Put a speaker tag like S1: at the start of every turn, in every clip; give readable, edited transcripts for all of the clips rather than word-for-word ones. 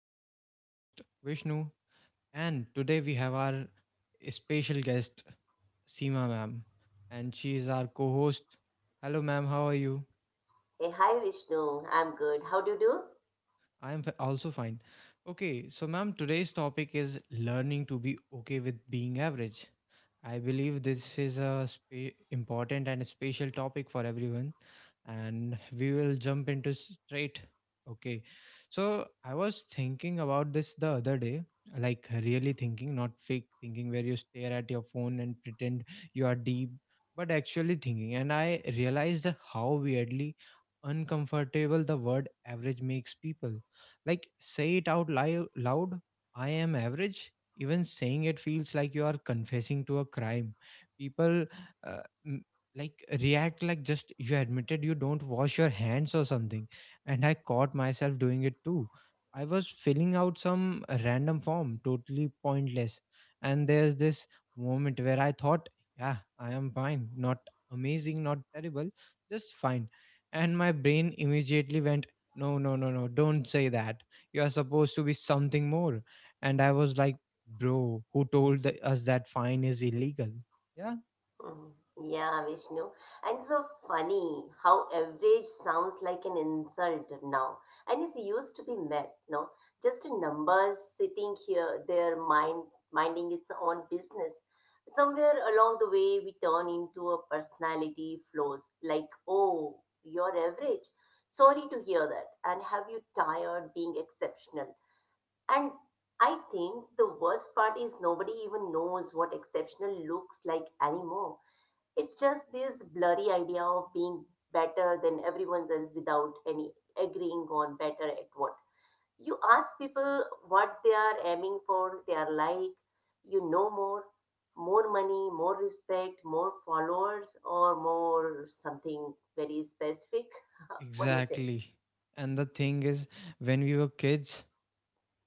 S1: This is your host, Vishnu, and today we have our special guest, Seema ma'am, and she is our co host. Hello, ma'am. How are you?
S2: Hey, hi Vishnu. I'm good. How do you do?
S1: I am also fine. Okay, so, ma'am, today's topic is learning to be okay with being average. I believe this is a important and a special topic for everyone, and we will jump into straight. Okay, so I was thinking about this the other day, like really thinking, not fake thinking, where you stare at your phone and pretend you are deep, but actually thinking. And I realized how weirdly uncomfortable the word average makes people. Like, say it out loud, I am average. Even saying it feels like you are confessing to a crime. People uh, m- like react like just you admitted you don't wash your hands or something. And I caught myself doing it too. I was filling out some random form, totally pointless, and there's this moment where I thought, yeah, I am fine, not amazing, not terrible, just fine. And my brain immediately went, no, don't say that, you are supposed to be something more. And I was like, bro, who told us that fine is illegal? Yeah.
S2: Mhm. Yeah, Vishnu. And so funny how average sounds like an insult now. And it's used to be math, no? Just a number sitting here, there, mind minding its own business. Somewhere along the way, we turn into a personality Flows like, oh, you're average. Sorry to hear that. And have you tired being exceptional? And I think the worst part is nobody even knows what exceptional looks like anymore. It's just this blurry idea of being better than everyone else without any agreeing on better at what. You ask people what they are aiming for, they are like, you know more, more money, more respect, more followers, or more something very specific. What do you say?
S1: Exactly. And the thing is, when we were kids,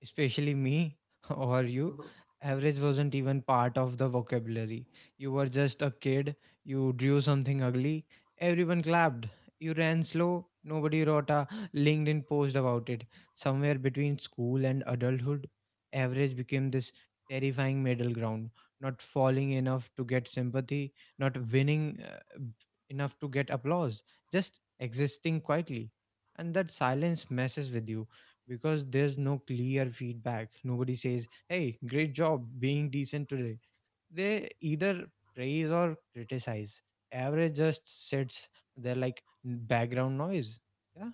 S1: especially me or you, average wasn't even part of the vocabulary. You were just a kid. You drew something ugly, everyone clapped. You ran slow, nobody wrote a LinkedIn post about it. Somewhere between school and adulthood, average became this terrifying middle ground, not falling enough to get sympathy, not winning enough to get applause, just existing quietly. And that silence messes with you because there's no clear feedback. Nobody says, hey, great job being decent today. They either praise or criticize. Average just sits there like background noise. Yeah.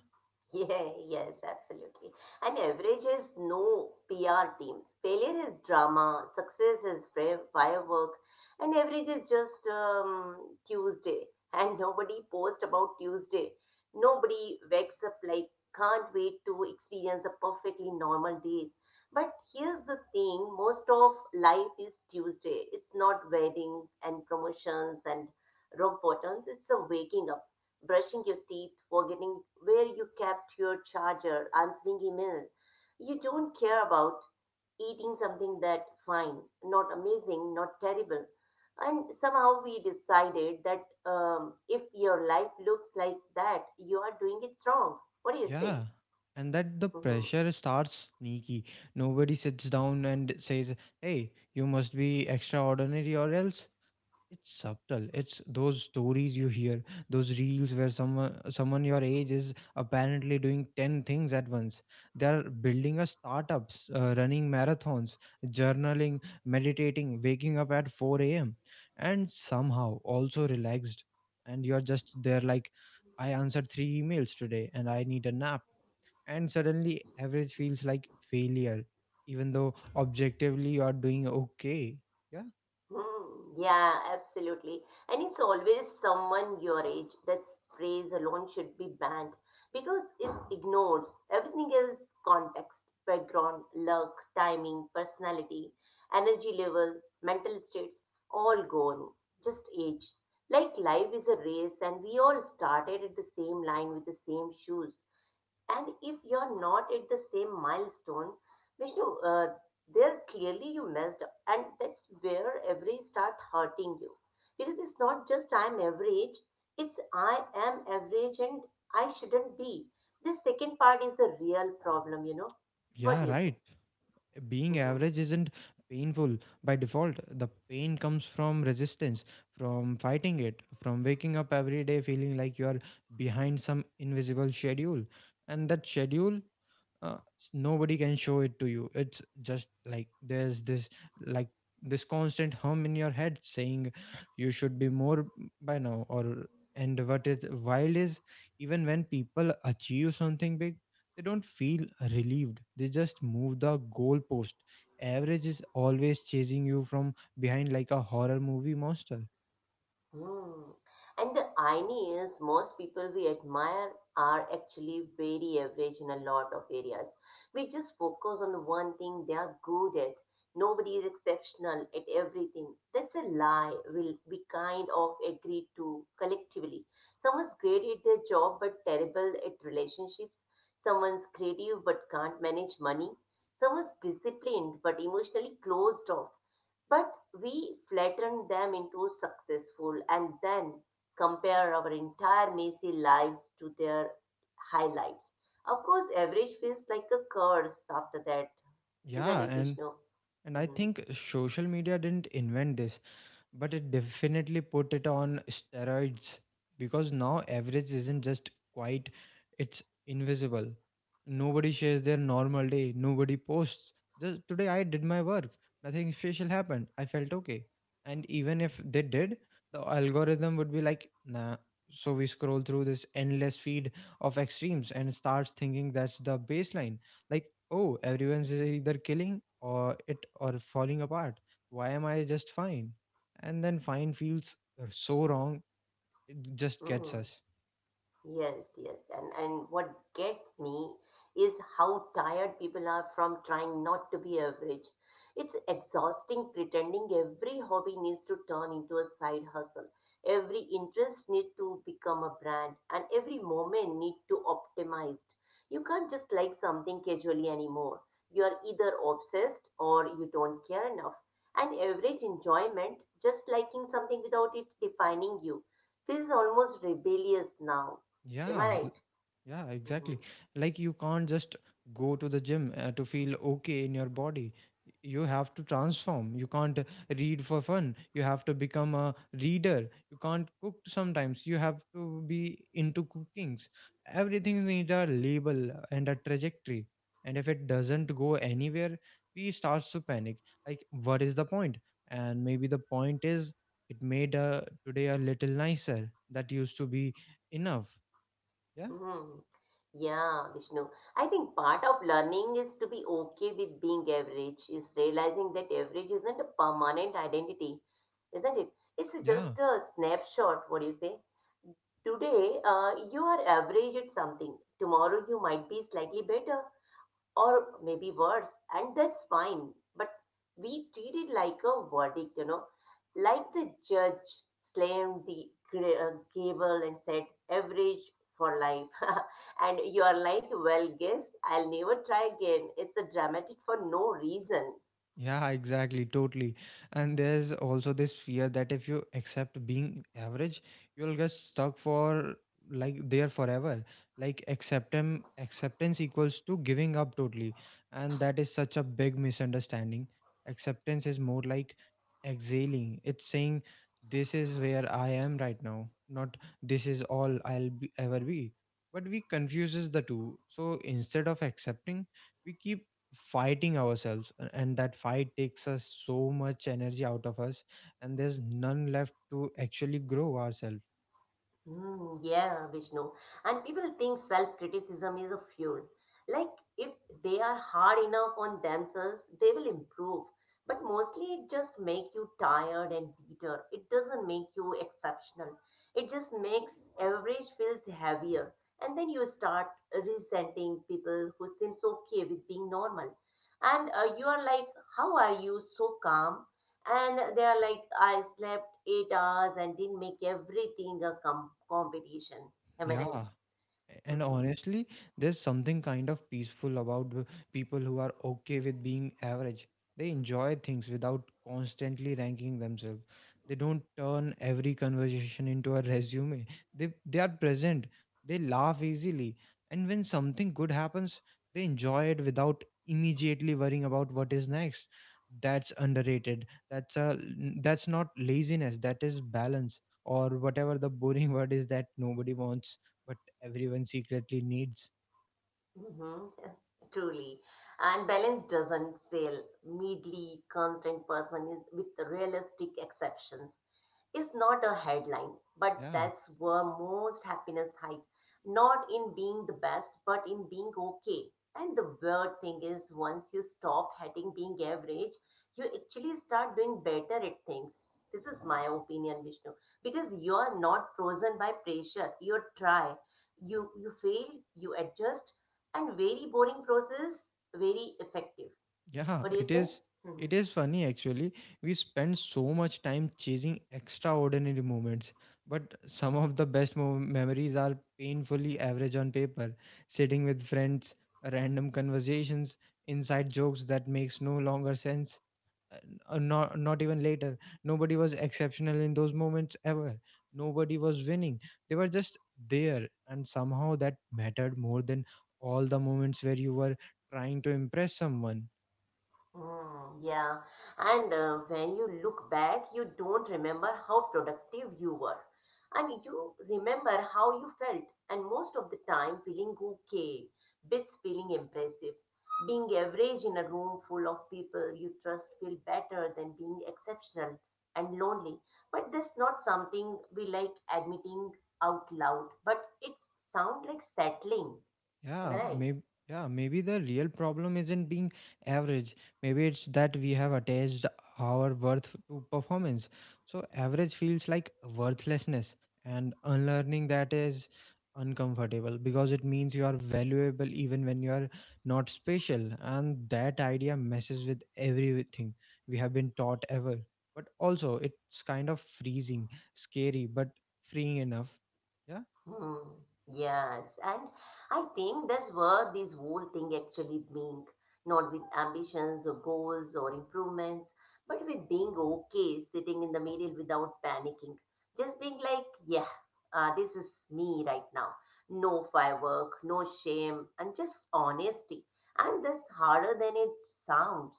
S2: Yeah, yes, absolutely. And average is no PR team. Failure is drama, success is firework, and average is just Tuesday. And nobody post about Tuesday. Nobody wakes up like, can't wait to experience a perfectly normal day. But here's the thing most of life is Tuesday. It's not weddings and promotions and rock bottoms, it's a waking up brushing your teeth, forgetting where you kept your charger, answering email you don't care about, eating something that fine, not amazing, not terrible. And somehow we decided that if your life looks like that, you are doing it wrong. What do you say?
S1: Yeah. And that the pressure starts sneaky. Nobody sits down and says, hey, you must be extraordinary or else. It's subtle. It's those stories you hear, those reels where someone your age is apparently doing 10 things at once. They're building a startups, running marathons, journaling, meditating, waking up at 4 a.m., and somehow also relaxed. And you're just there like, I answered three emails today and I need a nap. And suddenly average feels like failure, even though objectively you're doing okay. Yeah.
S2: Hmm, yeah, absolutely. And it's always someone your age that sprays alone should be banned because it ignores everything else context, background, luck, timing, personality, energy levels, mental states, all gone. Just age. Like life is a race and we all started at the same line with the same shoes. And if you're not at the same milestone, Vishnu, there clearly you messed up. And that's where every start hurting you. Because it's not just I'm average, it's I am average and I shouldn't be. This second part is the real problem, you know. What
S1: Yeah,
S2: do you say?
S1: right. Being
S2: Mm-hmm.
S1: average isn't painful by default. The pain comes from resistance, from fighting it, from waking up every day feeling like you are behind some invisible schedule. And that schedule, nobody can show it to you. It's just like there's this, like, this constant hum in your head saying you should be more by now or. And what is wild is, even when people achieve something big, they don't feel relieved. They just move the goalpost. Average is always chasing you from behind like a horror movie monster.
S2: Hmm. And the irony is, most people we admire are actually very average in a lot of areas. We just focus on the one thing they are good at. Nobody is exceptional at everything. That's a lie. We kind of agree to collectively. Someone's great at their job but terrible at relationships. Someone's creative but can't manage money. Someone's disciplined but emotionally closed off. But we flatten them into successful and then compare our entire messy lives to their highlights. Of course, average feels like a curse after that, isn't
S1: Yeah.
S2: it,
S1: and
S2: Vishnu?
S1: and I
S2: Hmm.
S1: think social media didn't invent this, but it definitely put it on steroids. Because now average isn't just quite, it's invisible. Nobody shares their normal day. Nobody posts, just today I did my work, nothing special happened, I felt okay. And even if they did, the algorithm would be like nah. So we scroll through this endless feed of extremes and starts thinking that's the baseline. Like, oh, everyone's either killing or it or falling apart, why am I just fine? And then fine feels so wrong. Just gets
S2: Hmm.
S1: us.
S2: Yes, yes. And what gets me is how tired people are from trying not to be average. It's exhausting pretending every hobby needs to turn into a side hustle. Every interest need to become a brand and every moment need to optimized. You can't just like something casually anymore. You are either obsessed or you don't care enough. And average enjoyment, just liking something without it defining you, feels almost rebellious now. Am I
S1: Yeah.
S2: right?
S1: Yeah,
S2: Hmm.
S1: exactly. Like you can't just go to the gym to feel okay in your body. You have to transform. You can't read for fun. You have to become a reader. You can't cook sometimes. You have to be into cookings. Everything needs a label and a trajectory. And if it doesn't go anywhere, we start to panic. Like, what is the point? And maybe the point is it made today a little nicer. That used to be enough. Yeah.
S2: Hmm. Yeah, Vishnu. I think part of learning is to be okay with being average, is realizing that average isn't a permanent identity, isn't it? It's
S1: Yeah.
S2: just a snapshot, what do you say? Today, you are average at something. Tomorrow, you might be slightly better, or maybe worse, and that's fine. But we treat it like a verdict, you know, like the judge slammed the gavel and said, average for life. And you are like, well, guess I'll never try again. It's a dramatic for no reason.
S1: Yeah, exactly, totally. And there's also this fear that if you accept being average, you'll get stuck for, like, there forever. Like acceptance equals to giving up totally. And that is such a big misunderstanding. Acceptance is more like exhaling. It's saying this is where I am right now, not this is all I'll be, ever be. But we confuses the two. So instead of accepting, we keep fighting ourselves and that fight takes us so much energy out of us, and there's none left to actually grow ourselves.
S2: Mm, yeah, Vishnu. And people think self-criticism is a fuel. Like if they are hard enough on themselves, they will improve. But mostly it just makes you tired and bitter. It doesn't make you exceptional. It just makes average feels heavier. And then you start resenting people who seems okay with being normal. And you are like, how are you so calm? And they are like I slept 8 hours and didn't make everything a competition. Am I
S1: Yeah.
S2: right?
S1: And
S2: Mm-hmm.
S1: honestly, there's something kind of peaceful about people who are okay with being average. They enjoy things without constantly ranking themselves. They don't turn every conversation into a resume. They are present. They laugh easily. And when something good happens, they enjoy it without immediately worrying about what is next. That's underrated. That's not laziness. That is balance, or whatever the boring word is that nobody wants but everyone secretly needs.
S2: Mm-hmm. Truly, and balance doesn't fail medley constant person is with realistic exceptions is not a headline, but
S1: Yeah,
S2: that's where most happiness hide. Not in being the best, but in being okay. And the weird thing is, once you stop hating being average, you actually start doing better at things. This is my opinion, Vishnu, because you are not frozen by pressure. You try, you fail, you adjust, and very boring process, very effective.
S1: yeah,
S2: What do you
S1: it
S2: say?
S1: is.
S2: Mm-hmm.
S1: It is funny actually. We spend so much time chasing extraordinary moments, but some of the best memories are painfully average on paper. Sitting with friends, random conversations, inside jokes that makes no longer sense, not even later. Nobody was exceptional in those moments ever. Nobody was winning. They were just there, and somehow that mattered more than all the moments where you were trying to impress someone.
S2: Mm, yeah, and when you look back, you don't remember how productive you were, and you remember how you felt, and most of the time feeling okay, bits feeling impressive. Being average in a room full of people you trust feel better than being exceptional and lonely. But that's not something we like admitting out loud, but it sounds like settling. Am I
S1: Yeah,
S2: right?
S1: maybe. Yeah, maybe the real problem isn't being average. Maybe it's that we have attached our worth to performance. So average feels like worthlessness, and unlearning that is uncomfortable, because it means you are valuable even when you are not special. And that idea messes with everything we have been taught ever. But also it's kind of freezing, scary, but freeing enough. Yeah.
S2: Hmm. Yes, and I think that's what this whole thing actually means, not with ambitions or goals or improvements, but with being okay sitting in the middle without panicking. Just being like, yeah, this is me right now. No firework, no shame, and just honesty. And that's harder than it sounds.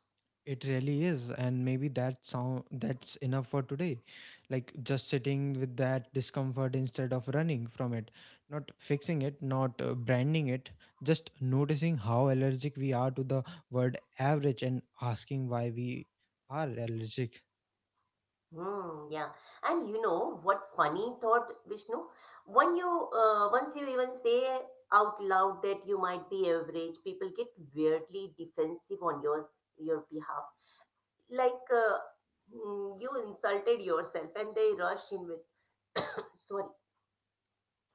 S1: It really is, and maybe that sound that's enough for today. Like just sitting with that discomfort instead of running from it, not fixing it, not branding it, just noticing how allergic we are to the word average and asking why we are allergic.
S2: Hmm, yeah. And you know what funny thought, Vishnu? When you once you even say out loud that you might be average, people get weirdly defensive on your behalf. Like you insulted yourself and they rush in with sorry.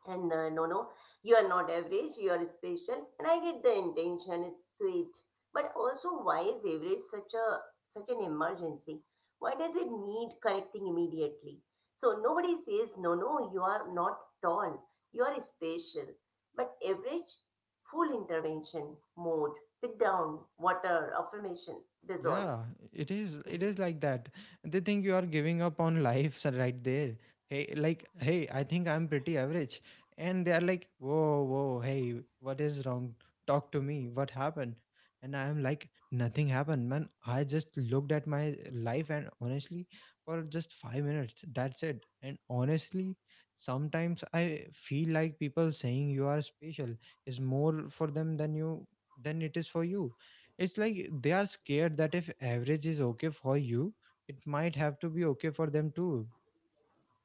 S2: And no, no, you are not average, you are special. And I get the intention, it's sweet. But also, why is average such an emergency? Why does it need correcting immediately? So nobody says, no, no, you are not tall, you are special. But average, full intervention, mode, sit down, water, affirmation, that's all.
S1: Yeah, it is. It is like that. They think you are giving up on life so right there. Hey, like, hey, I think I'm pretty average. And they are like, whoa, whoa, hey, what is wrong? Talk to me. What happened? And I am like, nothing happened, man. I just looked at my life and honestly, for just 5 minutes, that's it. And honestly, sometimes I feel like people saying you are special is more for them than you, than it is for you. It's like they are scared that if average is okay for you, it might have to be okay for them too.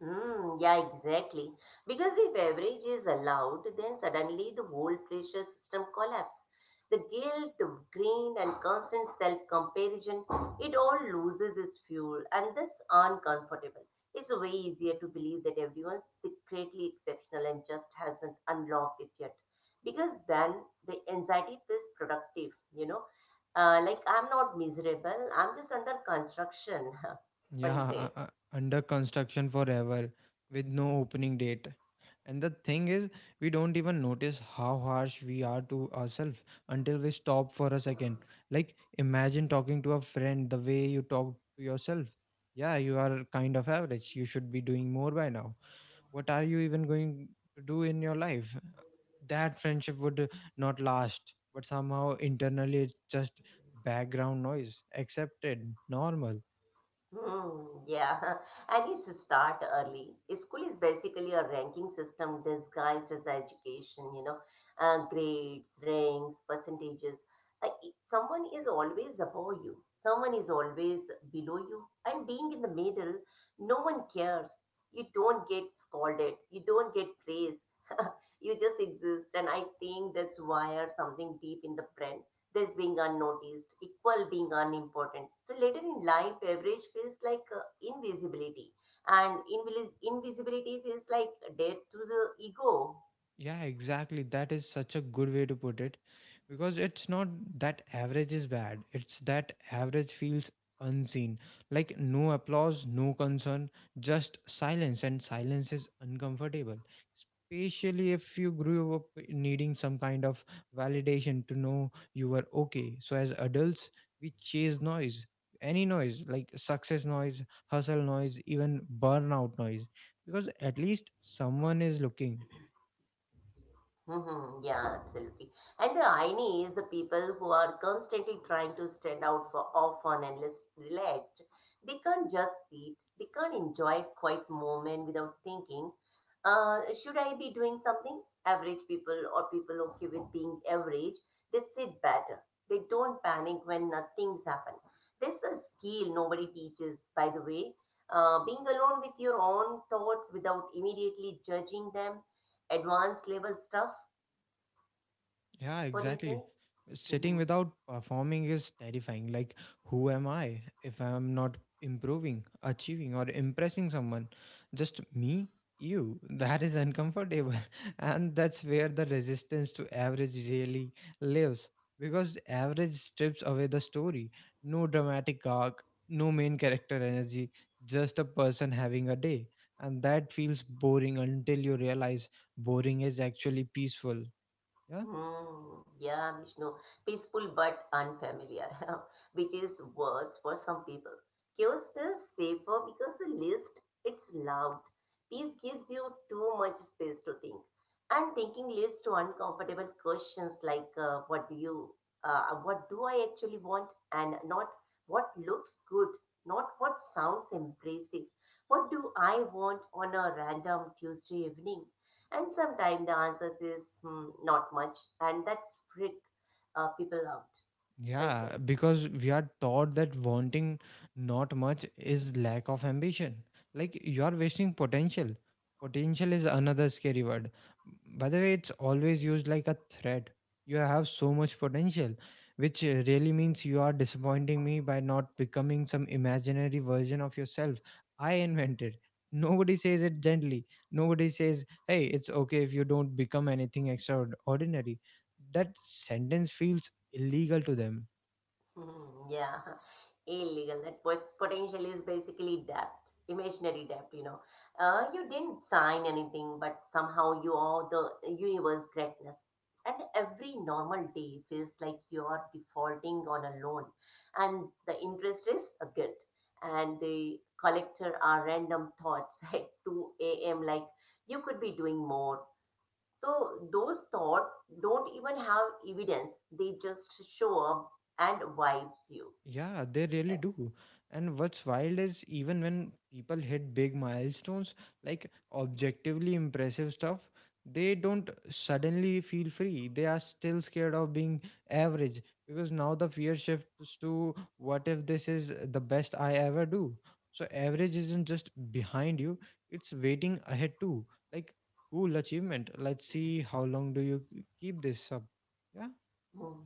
S2: Mm, yeah, exactly. Because if average is allowed, then suddenly the whole pressure system collapses. The guilt, the grain, and constant self comparison, it all loses its fuel, and this uncomfortable. It's way easier to believe that everyone's secretly exceptional and just hasn't unlocked it yet. Because then the anxiety feels productive, you know. Like, I'm not miserable, I'm just under construction. What do
S1: Yeah,
S2: you say?
S1: under construction forever with no opening date. And the thing is, we don't even notice how harsh we are to ourselves until we stop for a second. Like, imagine talking to a friend the way you talk to yourself. Yeah, you are kind of average. You should be doing more by now. What are you even going to do in your life? That friendship would, not last, but somehow internally it's just background noise, accepted, normal.
S2: Hmm, yeah, and need to start early. School is basically a ranking system disguised as education, you know, grades, ranks, percentages. Someone is always above you, someone is always below you, and being in the middle, no one cares. You don't get scolded, you don't get praised, you just exist. And I think that's why are something deep in the brain this being unnoticed, equal being unimportant. So later in life, average feels like invisibility, and invisibility feels like death to the ego.
S1: Yeah, exactly. That is such a good way to put it, because it's not that average is bad, it's that average feels unseen. Like no applause, no concern, just silence, and silence is uncomfortable. Especially if you grew up needing some kind of validation to know you were okay. So, as adults, we chase noise, any noise, like success noise, hustle noise, even burnout noise, because at least someone is looking.
S2: Mm-hmm. Yeah, absolutely. And the irony is the people who are constantly trying to stand out for off on and less relaxed, they can't just sit, they can't enjoy a quiet moment without thinking, should I be doing something? Average people or people okay with being average, they sit better. They don't panic when nothing's happened. There's a skill nobody teaches, by the way. Being alone with your own thoughts without immediately judging them advanced level stuff.
S1: Yeah,
S2: What do you say?
S1: exactly. Sitting
S2: Mm-hmm.
S1: without performing is terrifying. Like, who am I if I'm not improving, achieving, or impressing someone? Just me, you. That is uncomfortable. And that's where the resistance to average really lives. Because average strips away the story. No dramatic arc, no main character energy, just a person having a day. And that feels boring until you realize boring is actually peaceful. Yeah.
S2: Mm, yeah, Vishnu. Peaceful but unfamiliar, which is worse for some people. Chaos feels safer because the list it's loud. Peace gives you too much space to think, and thinking leads to uncomfortable questions like, "What do you? What do I actually want?" and not what looks good, not what sounds impressive. What do I want on a random Tuesday evening? And sometimes the answers is hmm, not much, and that's freak people out, I say.
S1: Yeah, because we are taught that wanting not much is lack of ambition. Like you are wasting potential. Potential is another scary word. By the way, it's always used like a threat. You have so much potential, which really means you are disappointing me by not becoming some imaginary version of yourself I invented. Nobody says it gently. Nobody says, hey, it's okay if you don't become anything extraordinary. That sentence feels illegal to them.
S2: Hmm, yeah, illegal. That potential is basically debt, imaginary debt. You know, you didn't sign anything, but somehow you are the universe greatness. And every normal day feels like you are defaulting on a loan, and the interest is a good. And the collector are random thoughts at 2 a.m. like you could be doing more, so those thoughts don't even have evidence. They just show up and vibes you.
S1: Yeah, they really
S2: Right?
S1: do. And what's wild is, even when people hit big milestones, like objectively impressive stuff, they don't suddenly feel free. They are still scared of being average, because now the fear shifts to, what if this is the best I ever do? So, average isn't just behind you, it's waiting ahead too. Like, cool achievement. Let's see how long do you keep this up. Yeah.
S2: Hmm.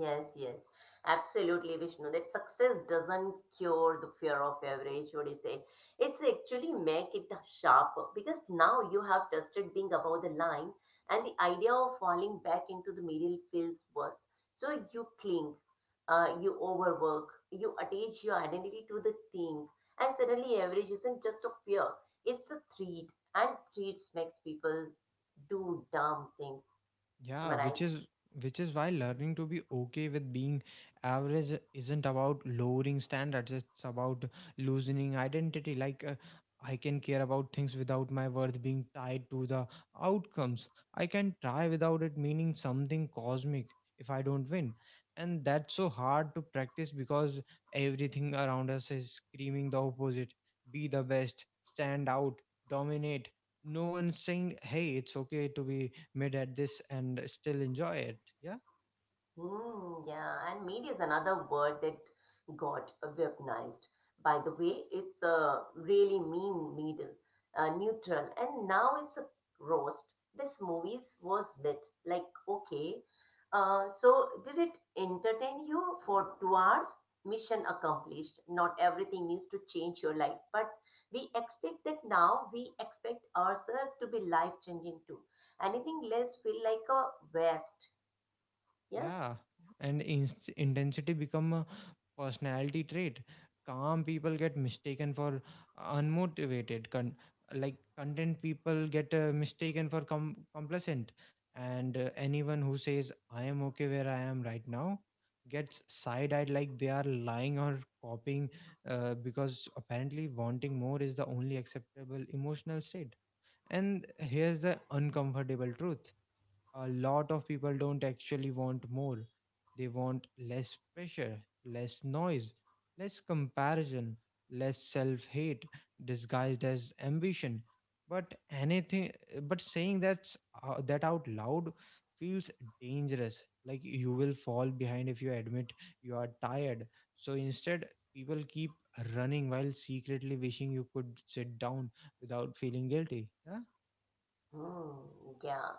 S2: Yes, yes, absolutely, Vishnu. That success doesn't cure the fear of average, what do you say? It's actually make it sharper because now you have tested being above the line, and the idea of falling back into the middle feels worse. So you cling, you overwork, you attach your identity to the thing, and suddenly average isn't just a fear; it's a threat, and threats makes people do dumb things. Am
S1: Yeah,
S2: I
S1: which is which is why learning
S2: right?
S1: to be okay with being average isn't about lowering standards. It's about loosening identity. I can care about things without my worth being tied to the outcomes. I can try without it meaning something cosmic if I don't win. And that's so hard to practice because everything around us is screaming the opposite. Be the best, stand out, dominate. No one's saying, "Hey, it's okay to be made at this and still enjoy it." Yeah.
S2: Hmm, yeah, and media is another word that got weaponized. By the way, it's a really mean middle, neutral, and now it's a roast. This movies was bit like okay. So did it entertain you for 2 hours? Mission accomplished. Not everything needs to change your life, but we expect that now. We expect ourselves to be life changing too. Anything less feel like a waste. Yeah?
S1: Yeah, and inst intensity become a personality trait. Calm people get mistaken for unmotivated, like content people get mistaken for complacent. And anyone who says I am okay where I am right now gets side-eyed like they are lying or copying, because apparently wanting more is the only acceptable emotional state. And here's the uncomfortable truth: a lot of people don't actually want more. They want less pressure, less noise, less comparison, less self hate disguised as ambition. But anything, but saying that out loud feels dangerous. Like you will fall behind if you admit you are tired. So instead, people keep running while secretly wishing you could sit down without feeling guilty. Yeah?
S2: Hmm, yeah.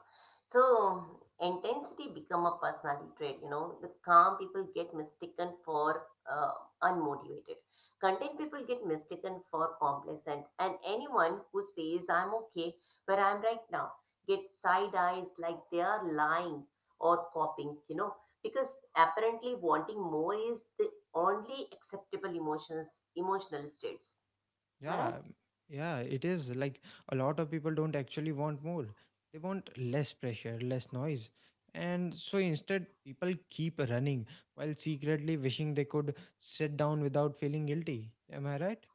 S2: So intensity become a personality trait. You know, the calm people get mistaken for uh, unmotivated. Content people get mistaken for complacent, and anyone who says I'm okay where I'm right now gets side eyes like they are lying or copying. You know, because apparently wanting more is the only acceptable emotions, emotional states. Am I right?
S1: Yeah, yeah, it is like a lot of people don't actually want more. They want less pressure, less noise. And so instead, people keep running while secretly wishing they could sit down without feeling guilty. Am I right?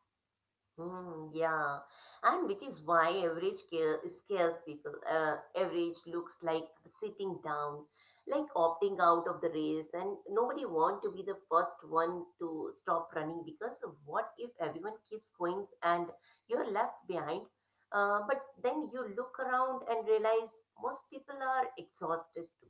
S2: Hmm. Yeah, and which is why average care scares people. Average looks like sitting down, like opting out of the race, and nobody want to be the first one to stop running because of what if everyone keeps going and you're left behind? But then you look around and realize most people are exhausted too,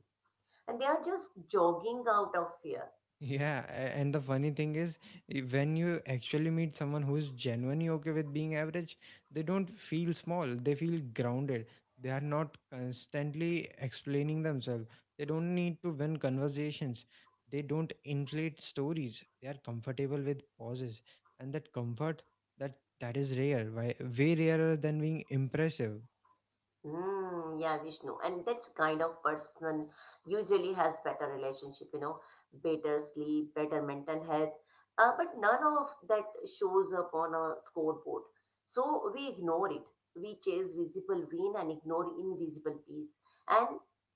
S2: and they are just jogging out of fear.
S1: Yeah, and the funny thing is, when you actually meet someone who's genuinely okay with being average, they don't feel small. They feel grounded. They are not constantly explaining themselves. They don't need to win conversations. They don't inflate stories. They are comfortable with pauses, and that comfort, that is rare, why way rarer than being impressive.
S2: Yeah, Vishnu. And that's kind of person usually has better relationship, you know, better sleep, better mental health. But none of that shows up on a scoreboard. So we ignore it. We chase visible win and ignore invisible peace. And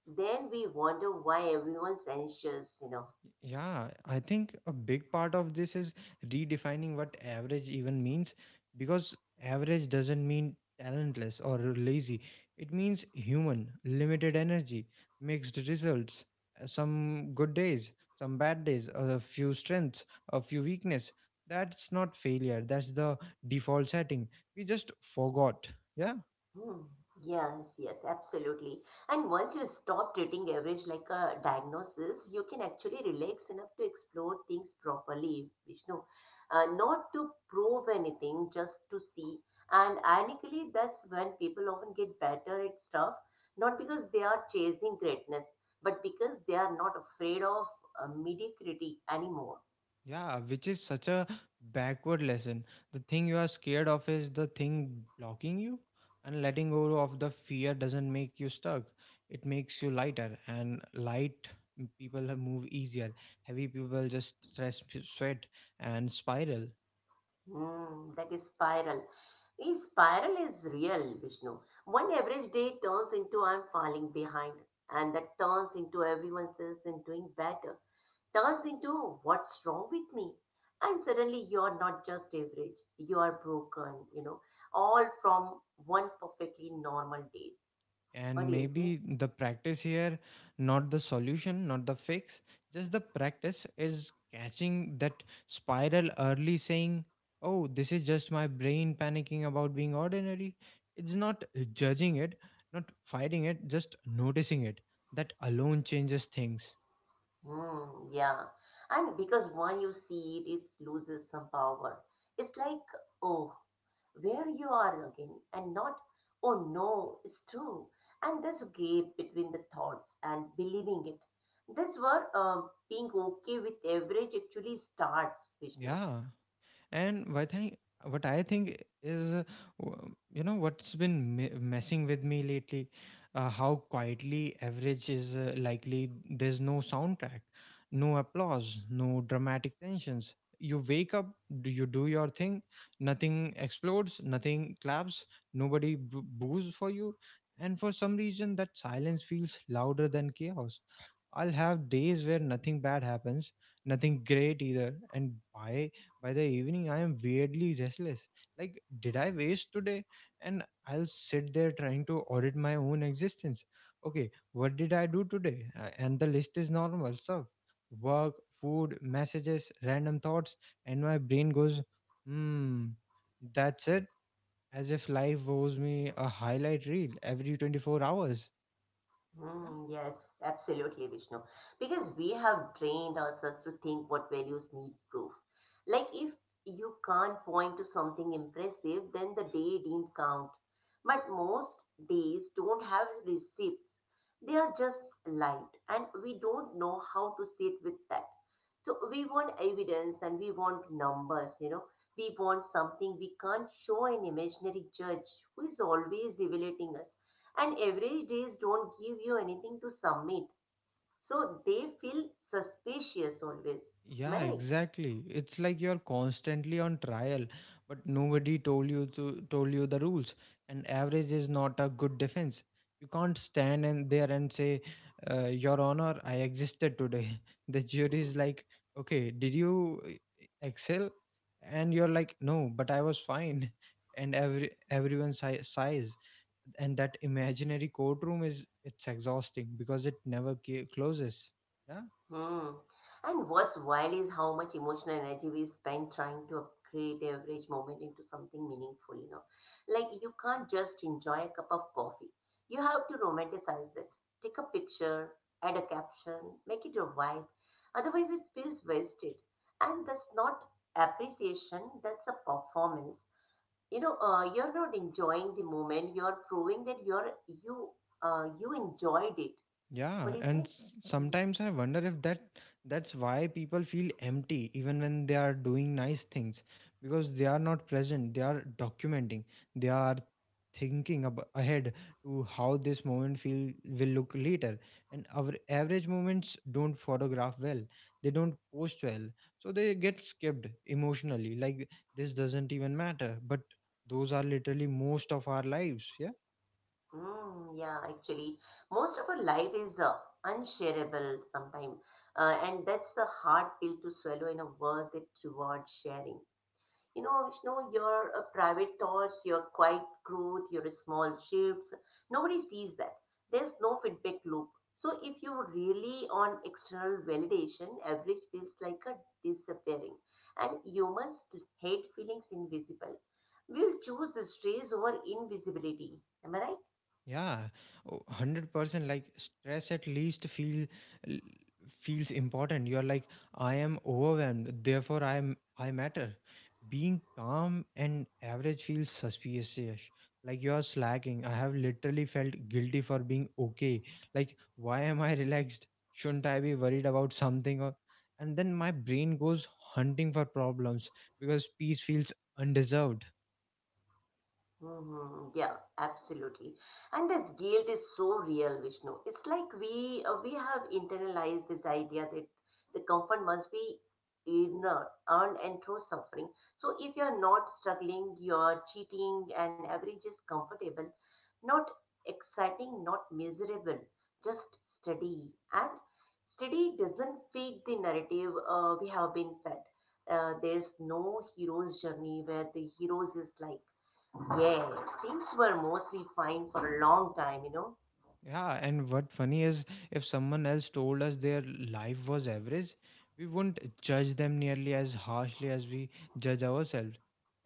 S2: then we wonder why everyone's anxious, you know.
S1: Yeah, I think a big part of this is redefining what average even means, because average doesn't mean talentless or lazy. It means human, limited energy, mixed results, some good days, some bad days, a few strengths, a few weakness. That's not failure. That's the default setting. We just forgot. Yeah?
S2: Hmm. Yes, yes, absolutely. And once you stop treating average like a diagnosis, you can actually relax enough to explore things properly, Vishnu. Not to prove anything, just to see. And ironically, that's when people often get better at stuff, not because they are chasing greatness, but because they are not afraid of mediocrity anymore.
S1: Yeah, which is such a backward lesson. The thing you are scared of is the thing blocking you, and letting go of the fear doesn't make you stuck. It makes you lighter, and light people have move easier. Heavy people just stress, sweat, and spiral.
S2: That is spiral. Is spiral is real, Vishnu. One average day turns into I'm falling behind, and that turns into everyone else in doing better, turns into what's wrong with me. And suddenly you're not just average, you are broken, you know, all from one perfectly normal day. What
S1: And
S2: do you say?
S1: maybe the practice here, not the solution, not the fix, just the practice, is catching that spiral early, saying, oh, this is just my brain panicking about being ordinary. It's not judging it, not fighting it, just noticing it. That alone changes things.
S2: Yeah. And because one you see it, it loses some power. It's like, oh, where you are again and not, oh no, it's true. And this gap between the thoughts and believing it, this where being okay with average actually starts, Vishnu.
S1: Yeah, and what I think is, you know, what's been messing with me lately, how quietly average is likely. There's no soundtrack, no applause, no dramatic tensions. You wake up, do you do your thing, nothing explodes, nothing claps, nobody boo boos for you, and for some reason that silence feels louder than chaos. I'll have days where nothing bad happens, nothing great either, and by the evening I am weirdly restless. Like, did I waste today? And I'll sit there trying to audit my own existence. Okay, what did I do today? And the list is normal stuff: work, food, messages, random thoughts, and my brain goes, hmm, that's it. As if life owes me a highlight reel every 24 hours. Yeah.
S2: Yes, absolutely, Vishnu. Because we have trained ourselves to think what values need proof. Like if you can't point to something impressive, then the day didn't count. But most days don't have receipts. They are just light, and we don't know how to sit with that. So we want evidence and we want numbers, you know. We want something we can't show an imaginary judge who is always evaluating us, and average days don't give you anything to submit, so they feel suspicious always. Am I
S1: Yeah,
S2: right?
S1: exactly. It's like you're constantly on trial, but nobody told you the rules. And average is not a good defense. You can't stand and there and say, "Your Honor, I existed today." The jury is like, "Okay, did you excel?" And you're like, "No, but I was fine." And everyone sighs, and that imaginary courtroom is it's exhausting because it never closes. Yeah.
S2: Hmm. And what's wild is how much emotional energy we spend trying to upgrade average moment into something meaningful, you know. Like you can't just enjoy a cup of coffee, you have to romanticize it, take a picture, add a caption, make it your vibe, otherwise it feels wasted. And that's not appreciation, that's a performance. You know, you're not enjoying the moment, you're proving that you you enjoyed it. What
S1: Yeah,
S2: do you say?
S1: and
S2: Hmm.
S1: sometimes I wonder if that's why people feel empty even when they are doing nice things, because they are not present, they are documenting, they are thinking ahead to how this moment feel will look later. And our average moments don't photograph well, they don't post well, so they get skipped emotionally. Like, this doesn't even matter, but those are literally most of our lives. Yeah.
S2: Yeah, actually most of our life is unshareable sometimes, and that's a hard pill to swallow in a world that rewards sharing. You know, Vishnu, your private thoughts, your quiet growth, your small shifts, nobody sees that. There's no feedback loop. So if you really on external validation, average feels like a disappearing. And humans hate feelings invisible. We'll choose the stress over invisibility. Am I right?
S1: Yeah, oh, 100% like stress at least feel l- feels important. You're like, I am overwhelmed, therefore I matter. Being calm and average feels suspicious. Like you are slacking. I have literally felt guilty for being okay. Like, why am I relaxed? Shouldn't I be worried about something? Or and then my brain goes hunting for problems because peace feels undeserved.
S2: Yeah, absolutely. And that guilt is so real, Vishnu. It's like we have internalized this idea that the comfort must be inner, earned and through suffering. So if you're not struggling, you're cheating, and average is comfortable, not exciting, not miserable, just steady. And steady doesn't fit the narrative we have been fed. There's no hero's journey where the heroes is like yeah, things were mostly fine for a long time, you know.
S1: Yeah, and what funny is if someone else told us their life was average, we wouldn't judge them nearly as harshly as we judge ourselves.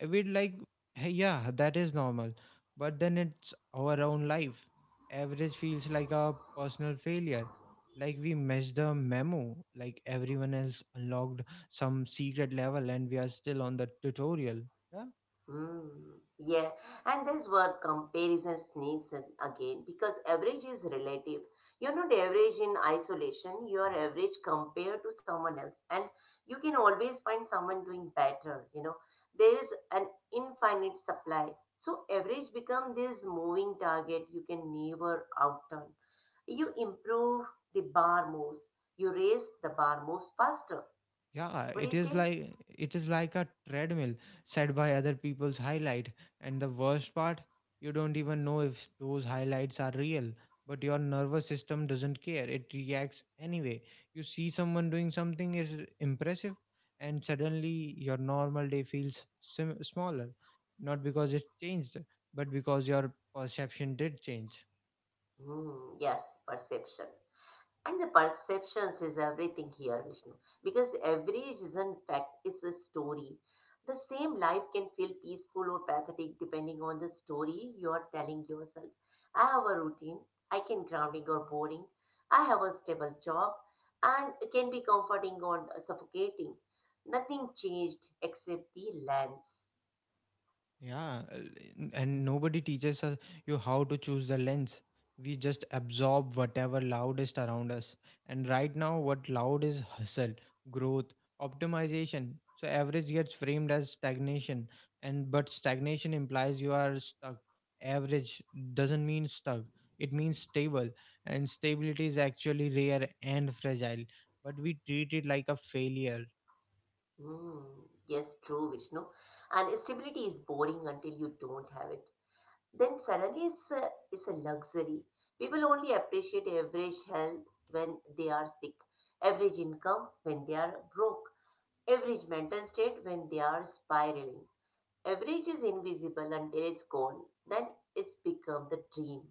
S1: We'd like, hey, yeah, that is normal, but then it's our own life. Average feels like a personal failure. Like we missed the memo, like everyone else unlocked some secret level and we are still on the tutorial. Yeah.
S2: Hmm. Yeah, and that's where comparison sneaks in again because average is relative. You're not average in isolation, you're average compared to someone else, and you can always find someone doing better, you know. There is an infinite supply. So, average become this moving target you can never outturn. You improve, the bar moves. You raise, the bar moves faster.
S1: Yeah,
S2: What do
S1: it
S2: you
S1: is
S2: say?
S1: like it is like a treadmill set by other people's highlight. And the worst part, you don't even know if those highlights are real, but your nervous system doesn't care. It reacts anyway. You see someone doing something is impressive, and suddenly your normal day feels smaller, not because it changed, but because your perception did change.
S2: Yes, perception. And the perceptions is everything here, Vishnu. Because every reason fact is a story. The same life can feel peaceful or pathetic depending on the story you are telling yourself. I have a routine, I can grounding or boring. I have a stable job and it can be comforting or suffocating. Nothing changed except the lens.
S1: Yeah, and nobody teaches us you how to choose the lens. We just absorb whatever loudest around us. And right now, what loud is hustle, growth, optimization. So average gets framed as stagnation, and but stagnation implies you are stuck. Average doesn't mean stuck; it means stable, and stability is actually rare and fragile. But we treat it like a failure.
S2: Hmm. Yes, true, Vishnu. And stability is boring until you don't have it. Then suddenly it's a luxury. People only appreciate average health when they are sick, average income when they are broke, average mental state when they are spiraling. Average is invisible until it's gone. Then it's become the dream.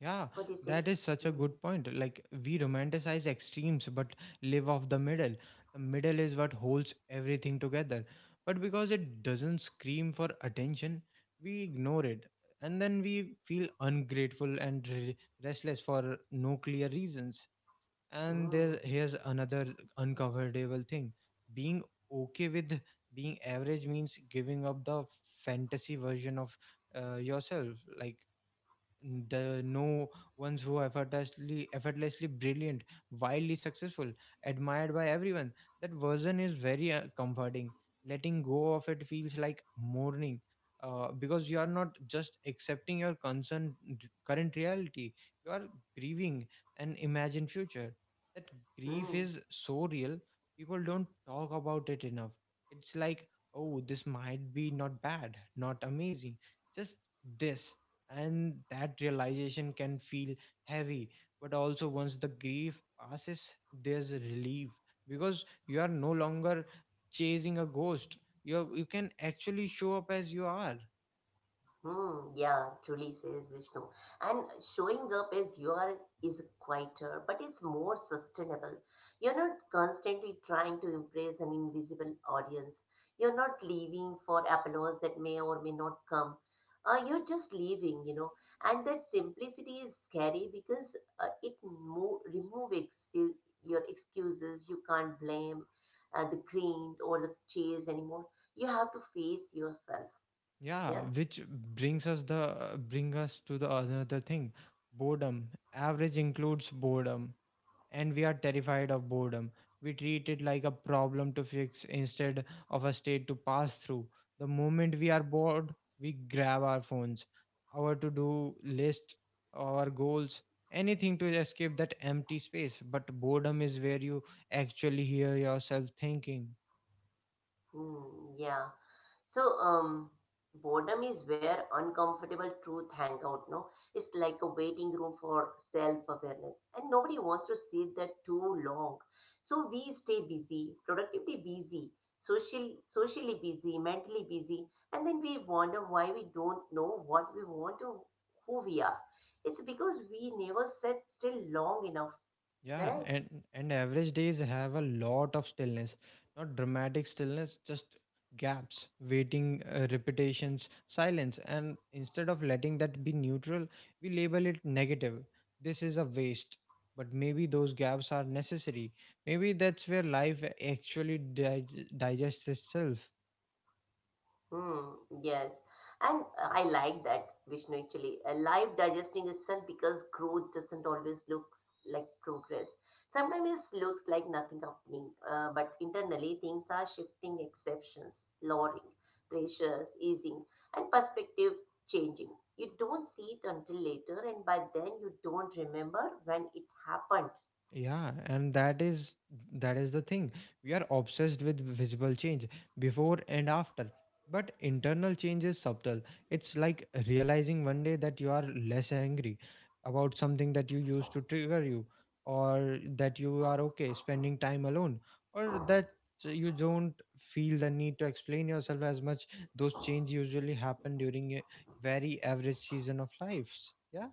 S1: Yeah,
S2: What do you say?
S1: that is such a
S2: Hmm.
S1: good point. Like, we romanticize extremes but live off the middle. The middle is what holds everything together. But because it doesn't scream for attention, we ignore it. And then we feel ungrateful and restless for no clear reasons. And there's, here's another uncomfortable thing: being okay with being average means giving up the fantasy version of yourself. Like, the no ones who effortlessly brilliant, wildly successful, admired by everyone, that version is very comforting. Letting go of it feels like mourning, because you are not just accepting your concern current reality, you are grieving an imagined future. That
S2: Hmm.
S1: grief
S2: Hmm.
S1: is so real. People don't talk about it enough. It's like, oh, this might be not bad, not amazing, just this. And that realization can feel heavy, but also once the grief passes, there's a relief, because you are no longer chasing a ghost. You you can actually show up as you are.
S2: Hmm, yeah, truly says Vishnu. And showing up as you are is quieter, but it's more sustainable. You're not constantly trying to impress an invisible audience. You're not leaving for applause that may or may not come. You're just leaving, you know. And that simplicity is scary because it remove your excuses. You can't blame the grind or the chase anymore. You have to face yourself.
S1: Yeah,
S2: Yeah?
S1: which brings us to the another thing: boredom. Average includes boredom, and we are terrified of boredom. We treat it like a problem to fix instead of a state to pass through. The moment we are bored, we grab our phones, our to do list, our goals, anything to escape that empty space. But boredom is where you actually hear yourself thinking.
S2: Hmm. Yeah. So, boredom is where uncomfortable truth hang out, no? It's like a waiting room for self-awareness, and nobody wants to sit there too long. So we stay busy, productively busy, socially busy, mentally busy, and then we wonder why we don't know what we want or who we are. It's because we never sat still long enough,
S1: Yeah,
S2: right?
S1: and average days have a lot of stillness, not dramatic stillness, just gaps, waiting, repetitions, silence. And instead of letting that be neutral, we label it negative. This is a waste. But maybe those gaps are necessary. Maybe that's where life actually digests itself.
S2: Hmm, yes. And I like that, Vishnu, actually. A life digesting itself because growth doesn't always look like progress. Sometimes it looks like nothing happening, but internally things are shifting, exceptions, lowering, pressures, easing, and perspective changing. You don't see it until later, and by then you don't remember when it happened.
S1: Yeah, and that is the thing. We are obsessed with visible change, before and after. But internal change is subtle. It's like realizing one day that you are less angry about something that you used to trigger you, or that you are okay spending time alone, or that you don't feel the need to explain yourself as much. Those change usually happen during a very average season of lives. Yeah.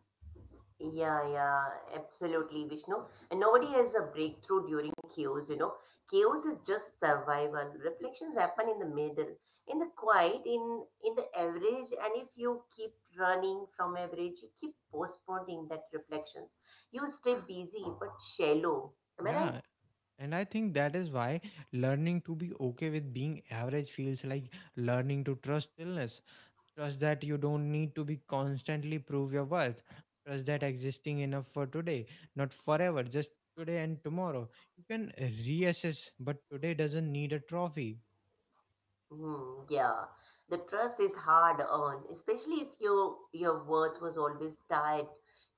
S2: Yeah, yeah, absolutely, Vishnu. And nobody has a breakthrough during chaos, you know. Chaos is just survival. Reflections happen in the middle, in the quiet, in the average. And if you keep running from average, you keep postponing that reflections. You stay busy but shallow. Am I right?
S1: Yeah, and I think that is why learning to be okay with being average feels like learning to trust illness. Trust that you don't need to be constantly prove your worth. Trust that existing enough for today, not forever, just today and tomorrow. You can reassess, but today doesn't need a trophy.
S2: Yeah, the trust is hard earned, especially if your worth was always tied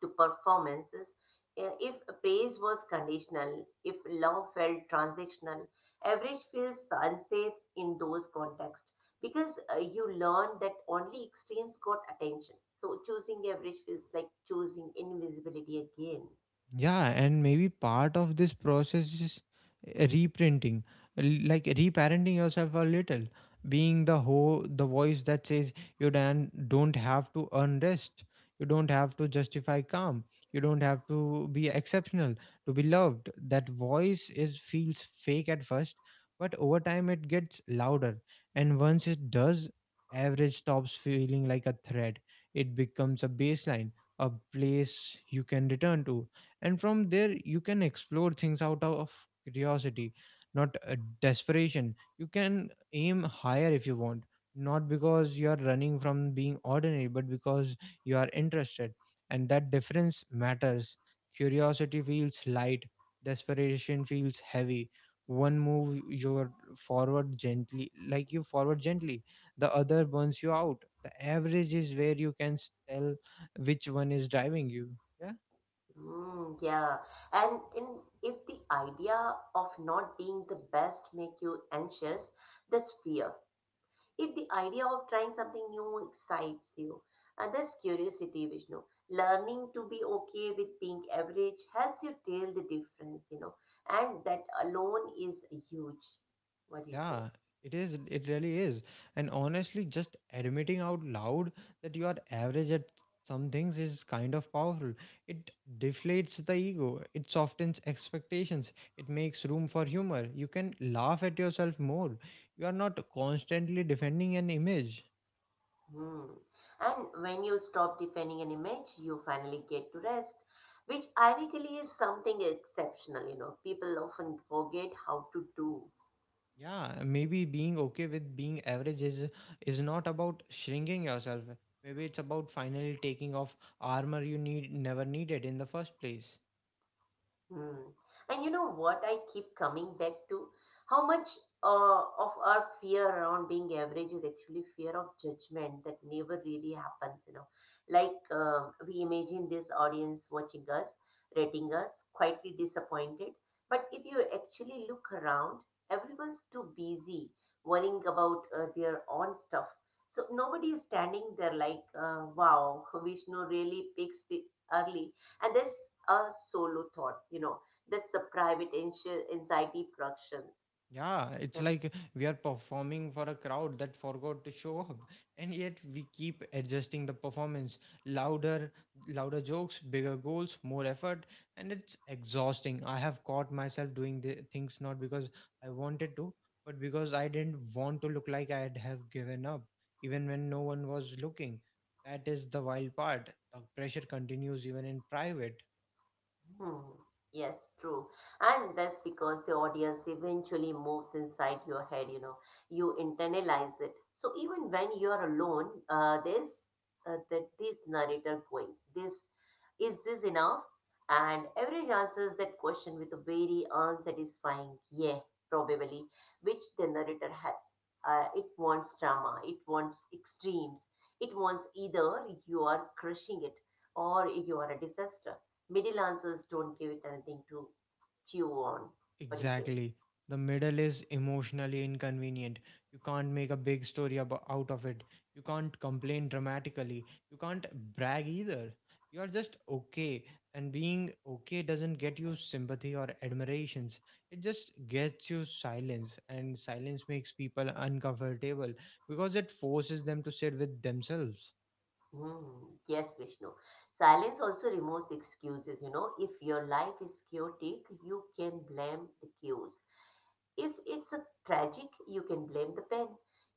S2: to performances. If praise was conditional, if love felt transactional, average feels unsafe in those contexts because you learn that only extremes got attention. So choosing average feels like choosing invisibility again.
S1: Yeah, and maybe part of this process is reprinting, like reparenting yourself a little, being the whole the voice that says you dan don't have to earn rest, you don't have to justify calm, you don't have to be exceptional to be loved. That voice is feels fake at first, but over time it gets louder, and once it does, average stops feeling like a threat. It becomes a baseline, a place you can return to, and from there you can explore things out of curiosity, not desperation. You can aim higher if you want, not because you are running from being ordinary but because you are interested, and that difference matters. Curiosity feels light, desperation feels heavy. One move your forward gently like you forward gently, the other burns you out. The average is where you can tell which one is driving you. Yeah.
S2: Yeah, and if the idea of not being the best make you anxious, that's fear. If the idea of trying something new excites you, and that's curiosity, Vishnu. Learning to be okay with being average helps you tell the difference, you know, and that alone is huge. What do you say?
S1: Yeah, it is. It really is. And honestly, just admitting out loud that you are average at some things is kind of powerful. It deflates the ego, it softens expectations, it makes room for humor. You can laugh at yourself more. You are not constantly defending an image.
S2: Hmm. And when you stop defending an image, you finally get to rest, which ironically is something exceptional, you know. People often forget how to do.
S1: Yeah, maybe being okay with being average is not about shrinking yourself. Maybe it's about finally taking off armor you need never needed in the first place.
S2: Hmm. And you know what I keep coming back to? How much of our fear around being average is actually fear of judgment that never really happens, you know. Like we imagine this audience watching us, rating us, quietly disappointed. But if you actually look around, everyone's too busy worrying about their own stuff. So nobody is standing there like, wow, Vishnu really picks it early, and there's a solo thought, you know, that's the private anxiety production.
S1: Yeah, it's like we are performing for a crowd that forgot to show up, and yet we keep adjusting the performance. Louder, louder jokes, bigger goals, more effort, and it's exhausting. I have caught myself doing the things not because I wanted to, but because I didn't want to look like I'd have given up, even when no one was looking. That is the wild part. The pressure continues even in private.
S2: Hmm. Yes, true. And that's because the audience eventually moves inside your head, you know, you internalize it. So even when you're alone, there's that this narrator going, this is this enough? And average answers that question with a very unsatisfying yeah, probably, which the narrator has. It wants drama, it wants extremes, it wants either you are crushing it or you are a disaster. Middle answers don't give it anything to chew on. What do you say?
S1: Exactly. The middle is emotionally inconvenient. You can't make a big story out of it. You can't complain dramatically. You can't brag either. You are just okay. And being okay doesn't get you sympathy or admirations. It just gets you silence. And silence makes people uncomfortable because it forces them to sit with themselves.
S2: Hmm. Yes, Vishnu. Silence also removes excuses. You know, if your life is chaotic, you can blame the cues. If it's a tragic, you can blame the pen.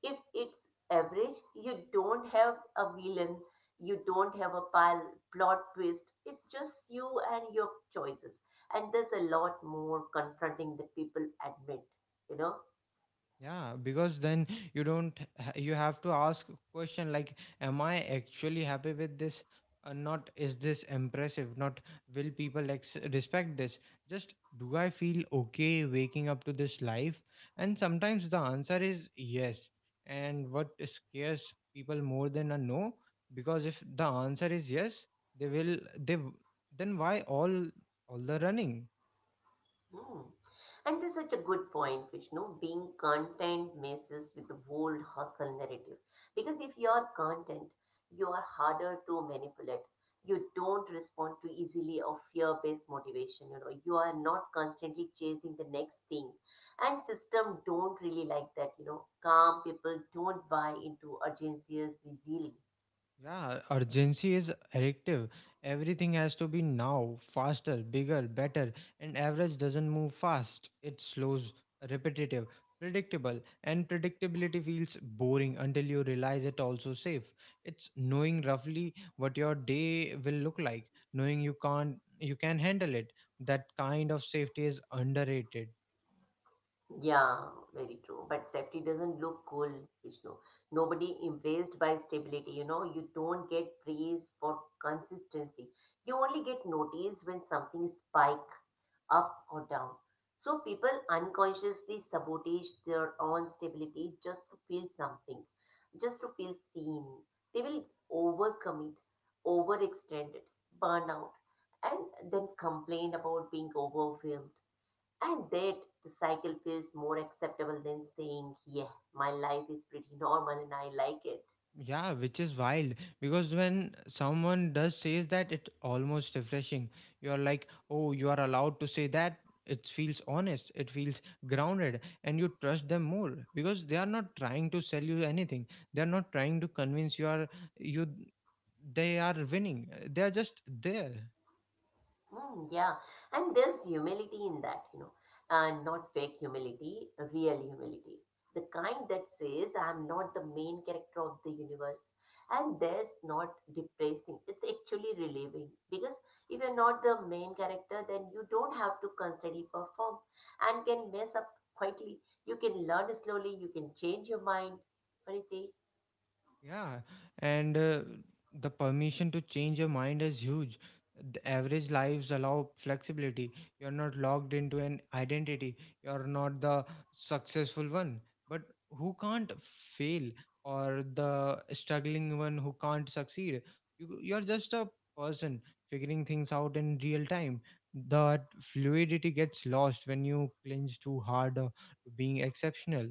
S2: If it's average, you don't have a villain, you don't have a pile plot twist. It's just you and your choices. And there's a lot more confronting that people admit, you know.
S1: Yeah, because then you don't ha- you have to ask question like, am I actually happy with this or not? Is this impressive? Not Will people respect this? Just, do I feel okay waking up to this life? And sometimes the answer is yes, and what scares people more than a no? Because if the answer is yes, they will they w- then why all the running?
S2: Hmm. And this is such a good point, Vishnu. Being content messes with the whole hustle narrative. Because if you are content, you are harder to manipulate. You don't respond to easily or fear-based motivation. You know, you are not constantly chasing the next thing. And system don't really like that. You know, calm people don't buy into urgencies easily.
S1: Yeah, urgency is addictive. Everything has to be now, faster, bigger, better, and average doesn't move fast. It slows, repetitive, predictable, and predictability feels boring until you realize it also safe. It's knowing roughly what your day will look like, knowing you can't you can handle it. That kind of safety is underrated.
S2: Yeah, very true. But safety doesn't look cool, Vishnu. Nobody impressed by stability. You know, you don't get praise for consistency. You only get noticed when something spike up or down. So people unconsciously sabotage their own stability just to feel something, just to feel seen. They will overcommit, overextend it, burn out, and then complain about being overwhelmed and that the cycle feels more acceptable than saying, yeah, my life is pretty normal and I like it.
S1: Yeah, which is wild because when someone does says that, it almost refreshing. You are like, oh, you are allowed to say that. It feels honest. It feels grounded, and you trust them more because they are not trying to sell you anything. They are not trying to convince you are you. They are winning. They are just there.
S2: Mm, yeah. And there's humility in that, you know, and not fake humility, real humility. The kind that says, I'm not the main character of the universe. And that's not depressing. It's actually relieving because if you're not the main character, then you don't have to constantly perform and can mess up quietly. You can learn slowly, you can change your mind. What do you say?
S1: Yeah, and the permission to change your mind is huge. The average lives allow flexibility. You're not locked into an identity. You're not the successful one, but who can't fail, or the struggling one who can't succeed. You're just a person figuring things out in real time. That fluidity gets lost when you cling too hard to being exceptional.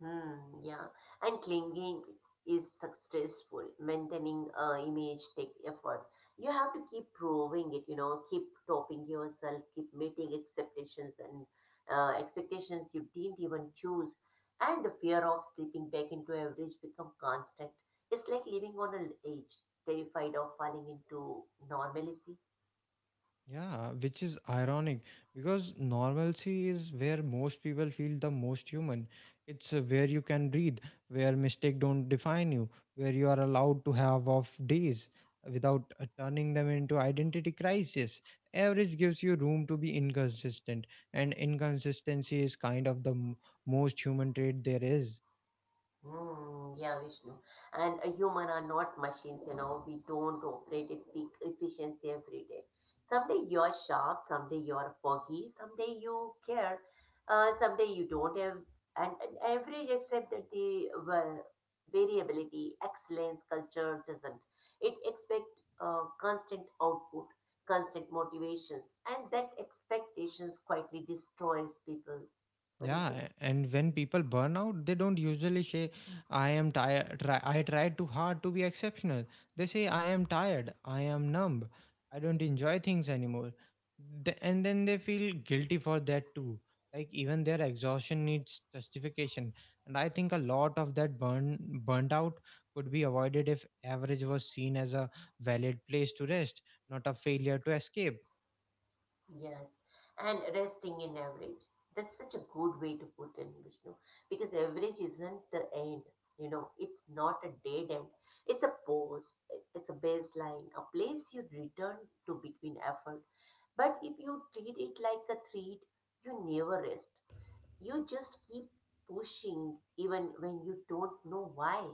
S2: Hmm, yeah. And clinging is successful. Maintaining image take effort. You have to keep proving it, you know, keep topping yourself, keep meeting expectations and expectations you didn't even choose. And the fear of slipping back into average become constant. It's like living on an edge, terrified of falling into normalcy.
S1: Yeah, which is ironic because normalcy is where most people feel the most human. It's where you can breathe, where mistake don't define you, where you are allowed to have off days without turning them into identity crisis. Average gives you room to be inconsistent, and inconsistency is kind of the most human trait there is.
S2: Hmm, yeah, Vishnu. And a human are not machines, you know. We don't operate at peak efficiency every day. Someday you're sharp, someday you're foggy, someday you care, someday you don't have. And average, except that the well, variability, excellence, culture doesn't. It expect constant output, constant motivations, and that expectations quietly destroys people. What do you say?
S1: Yeah, and when people burn out, they don't usually say, I am tired, I tried too hard to be exceptional. They say, I am tired, I am numb, I don't enjoy things anymore. And then they feel guilty for that too. Like, even their exhaustion needs justification. And I think a lot of that burnt out could be avoided if average was seen as a valid place to rest, not a failure to escape.
S2: Yes, and resting in average. That's such a good way to put it, Vishnu, because average isn't the end. You know, it's not a dead end. It's a pause, it's a baseline, a place you return to between effort. But if you treat it like a treat, you never rest. You just keep pushing even when you don't know why.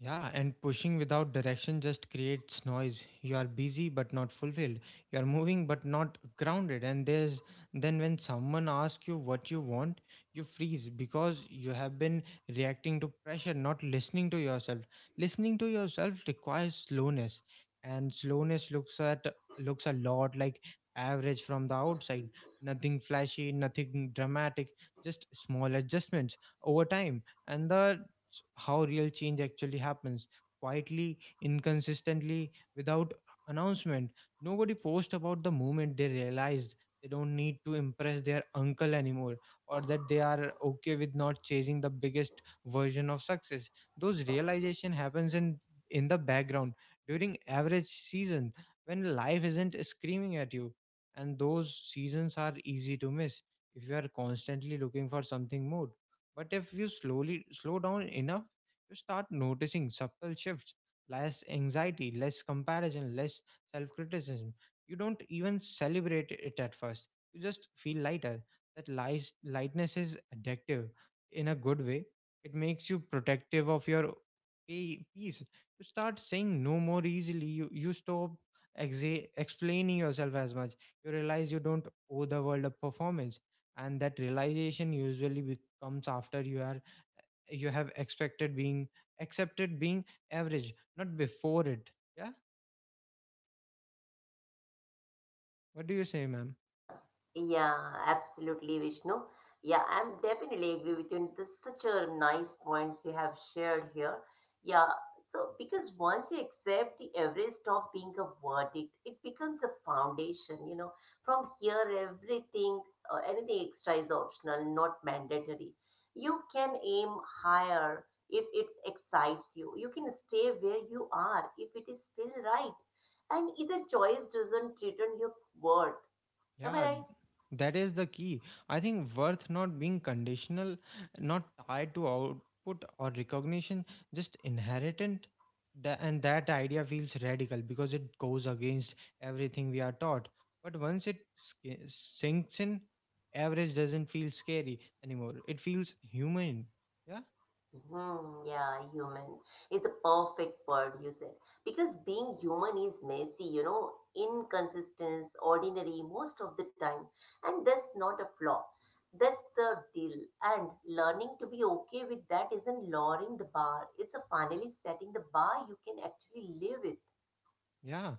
S1: Yeah, and pushing without direction just creates noise. You are busy but not fulfilled. You are moving but not grounded. And there's then when someone asks you what you want, you freeze because you have been reacting to pressure, not listening to yourself. Listening to yourself requires slowness, and slowness looks a lot like average from the outside. Nothing flashy, nothing dramatic, just small adjustments over time. And the how real change actually happens, quietly, inconsistently, without announcement. Nobody posts about the moment they realized they don't need to impress their uncle anymore, or that they are okay with not chasing the biggest version of success. Those realization happens in the background during average season when life isn't screaming at you, and those seasons are easy to miss if you are constantly looking for something more. But if you slow down enough, you start noticing subtle shifts, less anxiety, less comparison, less self-criticism. You don't even celebrate it at first. You just feel lighter. That lightness is addictive in a good way. It makes you protective of your peace. You start saying no more easily. You stop explaining yourself as much. You realize you don't owe the world a performance, and that realization usually comes after you are you have expected being accepted being average, not before it. Yeah. What do you say, ma'am?
S2: Yeah, yeah, absolutely, Vishnu. Yeah, I'm definitely agree with you. And this such a nice points you have shared here. Yeah, so because once you accept the average stop being a verdict, it becomes a foundation. You know, from here everything, anything extra is optional, not mandatory. You can aim higher if it excites you. You can stay where you are if it is still right. And either choice doesn't threaten your worth. Am I
S1: Yeah,
S2: right?
S1: that is the key. I think worth not being conditional, not tied to output or recognition, just inherent. That idea feels radical because it goes against everything we are taught. But once it sinks in, average doesn't feel scary anymore. It feels human. Yeah.
S2: Hmm, yeah, human is the perfect word you said. Because being human is messy, you know, inconsistent, ordinary most of the time. And that's not a flaw. That's the deal. And learning to be okay with that isn't lowering the bar. It's a finally setting the bar you can actually live with.
S1: Yeah,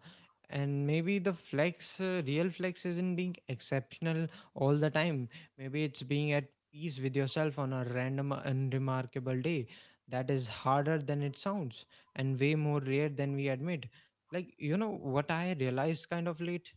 S1: and maybe the real flex isn't being exceptional all the time. Maybe it's being at peace with yourself on a random, unremarkable day. That is harder than it sounds and way more rare than we admit. Like, you know, what I realized kind of late,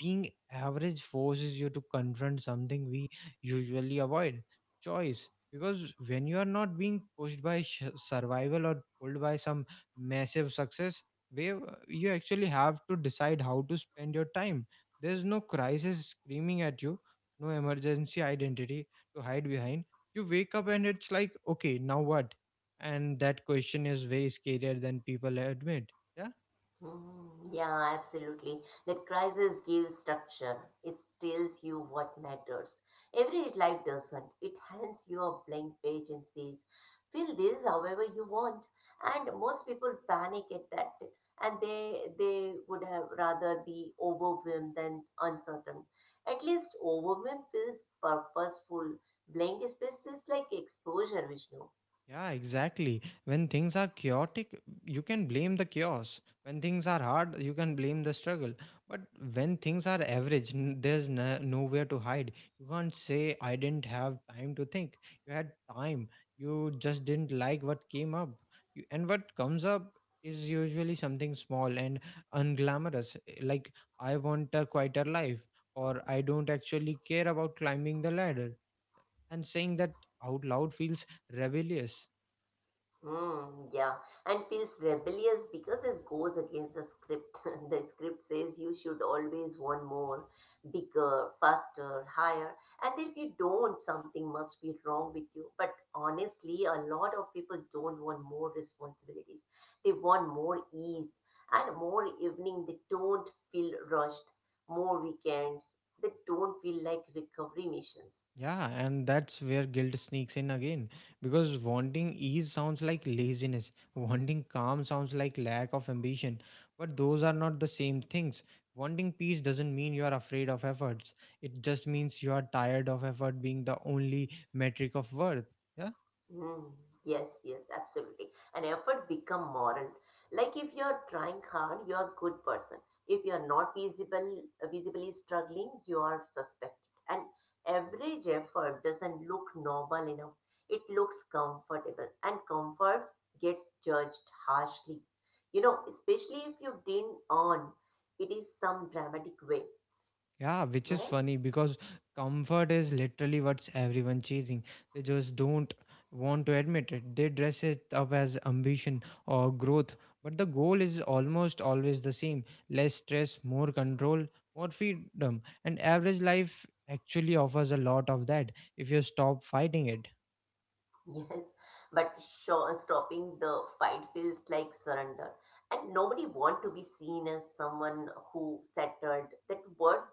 S1: being average forces you to confront something we usually avoid, choice. Because when you are not being pushed by survival or pulled by some massive success, where you actually have to decide how to spend your time. There's no crisis screaming at you, no emergency identity to hide behind. You wake up and it's like, okay, now what? And that question is way scarier than people admit. Yeah.
S2: Mm, yeah, absolutely. That crisis gives structure. It tells you what matters. Everyday life doesn't. It hands you a blank page and says, fill this however you want. And most people panic at that, and they would have rather be overwhelmed than uncertain. At least overwhelmed feels purposeful. Blank space feels like exposure, Vishnu.
S1: Yeah, exactly. When things are chaotic, you can blame the chaos. When things are hard, you can blame the struggle. But when things are average, n- there's no, nowhere to hide. You can't say, I didn't have time to think. You had time. You just didn't like what came up. And what comes up is usually something small and unglamorous. Like, I want a quieter life, or I don't actually care about climbing the ladder. And saying that out loud feels rebellious.
S2: Hmm, yeah, and feels rebellious because this goes against the script. The script says you should always want more, bigger, faster, higher, and if you don't, something must be wrong with you. But honestly, a lot of people don't want more responsibilities. They want more ease and more evening. They don't feel rushed. More weekends. They don't feel like recovery missions.
S1: Yeah, and that's where guilt sneaks in again. Because wanting ease sounds like laziness, wanting calm sounds like lack of ambition. But those are not the same things. Wanting peace doesn't mean you are afraid of efforts, it just means you are tired of effort being the only metric of worth. Yeah.
S2: Mm, yes, yes, absolutely. And effort become moral. Like if you're trying hard, you're a good person. If you're not visible, visibly struggling, you are suspected. And average effort doesn't look normal enough. It looks comfortable, and comforts gets judged harshly. You know, especially if you didn't earn it is some dramatic way.
S1: Yeah, which
S2: Am I
S1: is
S2: right?
S1: funny because comfort is literally what's everyone chasing. They just don't want to admit it. They dress it up as ambition or growth, but the goal is almost always the same, less stress, more control, more freedom. And average life actually offers a lot of that if you stop fighting it.
S2: Yes, but sure, stopping the fight feels like surrender. And nobody want to be seen as someone who settled. That word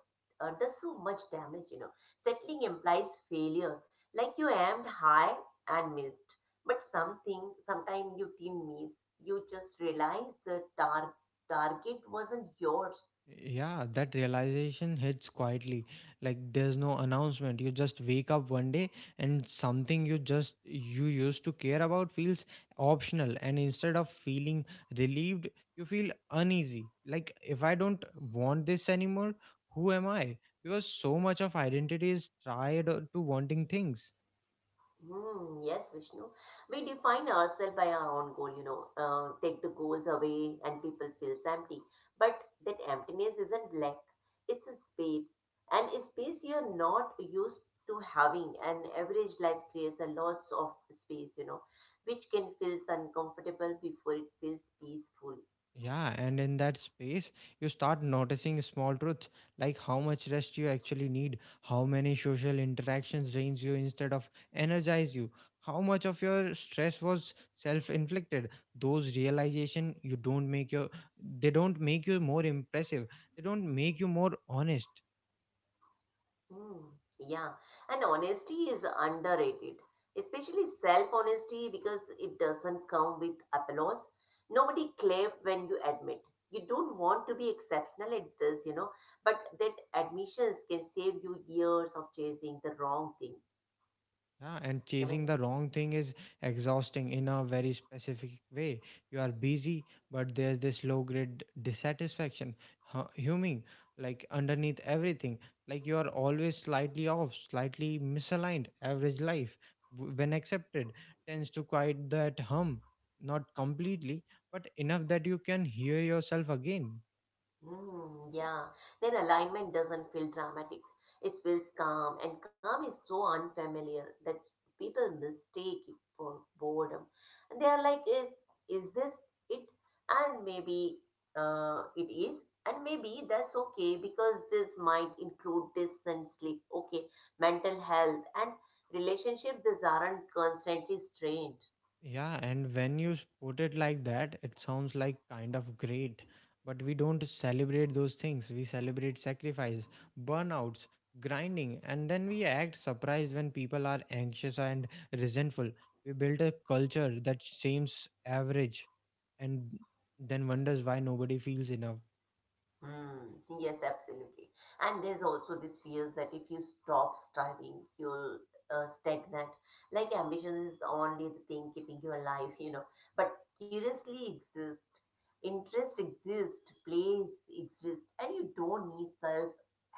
S2: does so much damage, you know. Settling implies failure, like you aimed high and missed. But something, sometime you didn't miss. You just realize the target wasn't yours.
S1: Yeah, that realization hits quietly. Like there's no announcement. You just wake up one day, and something you used to care about feels optional, and instead of feeling relieved, you feel uneasy. Like if I don't want this anymore, who am I? Because so much of identity is tied to wanting things.
S2: Hmm, yes, Vishnu. We define ourselves by our own goal, you know, take the goals away and people feels empty. But that emptiness isn't lack, it's a space. And a space you're not used to having. An average life creates a loss of space, you know, which can feel uncomfortable before it feels peaceful.
S1: Yeah, and in that space, you start noticing small truths, like how much rest you actually need, how many social interactions drains you instead of energize you, how much of your stress was self-inflicted. Those realization you don't make your they don't make you more impressive. They don't make you more honest.
S2: Hmm, yeah, and honesty is underrated, especially self-honesty because it doesn't come with applause. Nobody claps when you admit. You don't want to be exceptional at this, you know, but that admissions can save you years of chasing the wrong thing.
S1: Yeah, and
S2: Am I right?
S1: chasing the wrong thing is exhausting in a very specific way. You are busy, but there's this low grade dissatisfaction humming like underneath everything. Like you are always slightly off, slightly misaligned. Average life, when accepted, tends to quiet that hum, not completely, but enough that you can hear yourself again.
S2: Hmm, yeah, then alignment doesn't feel dramatic. It feels calm, and calm is so unfamiliar that people mistake it for boredom. And they are like, is this it? And maybe it is, and maybe that's okay because this might include this and sleep, okay, mental health and relationship. These aren't constantly strained.
S1: Yeah, and when you put it like that, it sounds like kind of great. But we don't celebrate those things. We celebrate sacrifice, burnouts, grinding, and then we act surprised when people are anxious and resentful. We build a culture that seems average and then wonders why nobody feels enough.
S2: Mm, yes, absolutely. And there's also this fear that if you stop striving, you'll stagnate. Like ambition is only the thing keeping you alive, you know. But curiously exist, interest exist, plays exist, and you don't need self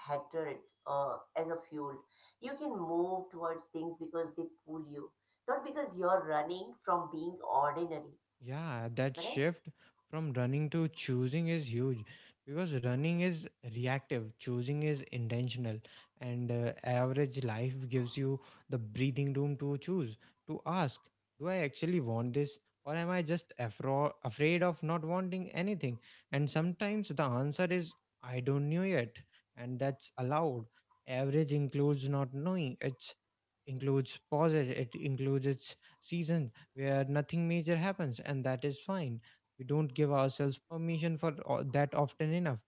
S2: hatred as a fuel. You can move towards things because they pull you, not because you're running from being ordinary,
S1: Yeah, that
S2: right?
S1: shift from running to choosing is huge because running is reactive, choosing is intentional, and average life gives you the breathing room to choose, to ask, do I actually want this, or am I just afraid of not wanting anything? And sometimes the answer is I don't know yet, and that's allowed. Average includes not knowing, it includes pauses, it includes its season where nothing major happens, and that is fine. We don't give ourselves permission for that often enough,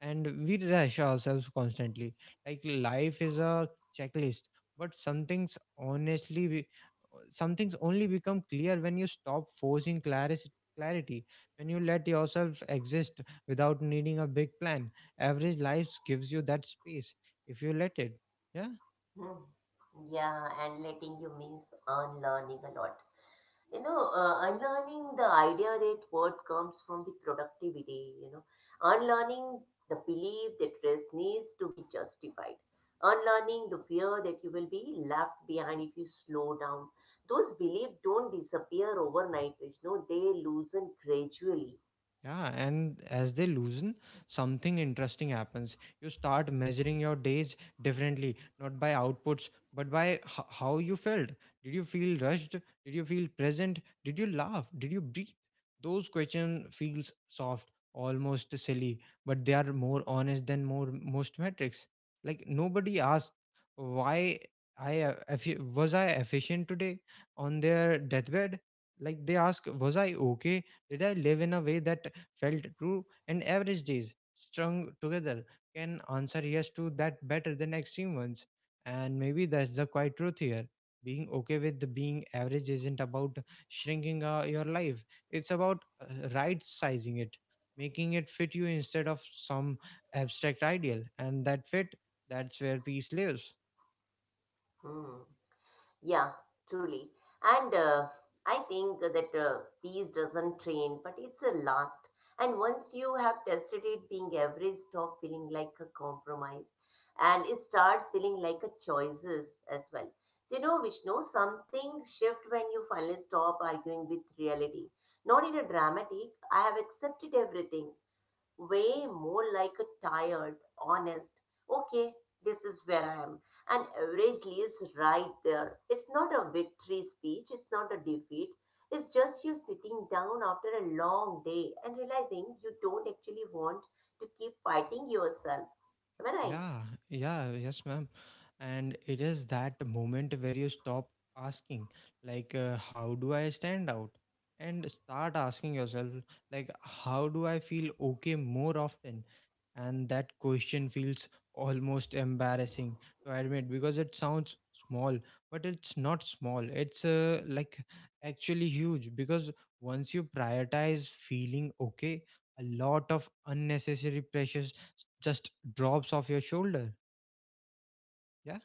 S1: and we rush ourselves constantly. Like life is a checklist, but some things only become clear when you stop forcing clarity. Clarity when you let yourself exist without needing a big plan. Average life gives you that space if you let it. Yeah.
S2: Hmm. Yeah, and letting you means unlearning a lot. You know, unlearning the idea that what comes from the productivity, you know, unlearning the belief that rest needs to be justified, unlearning the fear that you will be left behind if you slow down. Those beliefs don't disappear overnight, Vishnu, they loosen gradually.
S1: Yeah, and as they loosen, something interesting happens. You start measuring your days differently, not by outputs, but by how you felt. Did you feel rushed? Did you feel present? Did you laugh? Did you breathe? Those questions feels soft, almost silly, but they are more honest than more most metrics. Like nobody asked why was I efficient today on their deathbed. Like they ask, was I okay? Did I live in a way that felt true, and average days strung together can answer yes to that better than extreme ones. And maybe that's the quiet truth here. Being okay with the being average isn't about shrinking your life, it's about right sizing it, making it fit you instead of some abstract ideal. And that fit, that's where peace lives.
S2: Hmm. Yeah, truly. And I think that peace doesn't train, but it's a last. And once you have tested it, being average stop feeling like a compromise and it starts feeling like a choices as well. So, you know, Vishnu, something shift when you finally stop arguing with reality. Not in a dramatic, I have accepted everything way, more like a tired, honest, okay, this is where I am. And average leaves right there. It's not a victory speech, it's not a defeat. It's just you sitting down after a long day and realizing you don't actually want to keep fighting yourself. Am I right?
S1: Yeah, yeah, yes, ma'am. And it is that moment where you stop asking, like, how do I stand out? And start asking yourself, like, how do I feel okay more often? And that question feels almost embarrassing to admit because it sounds small, but it's not small. It's like actually huge, because once you prioritize feeling okay, a lot of unnecessary pressures just drops off your shoulder. Yeah.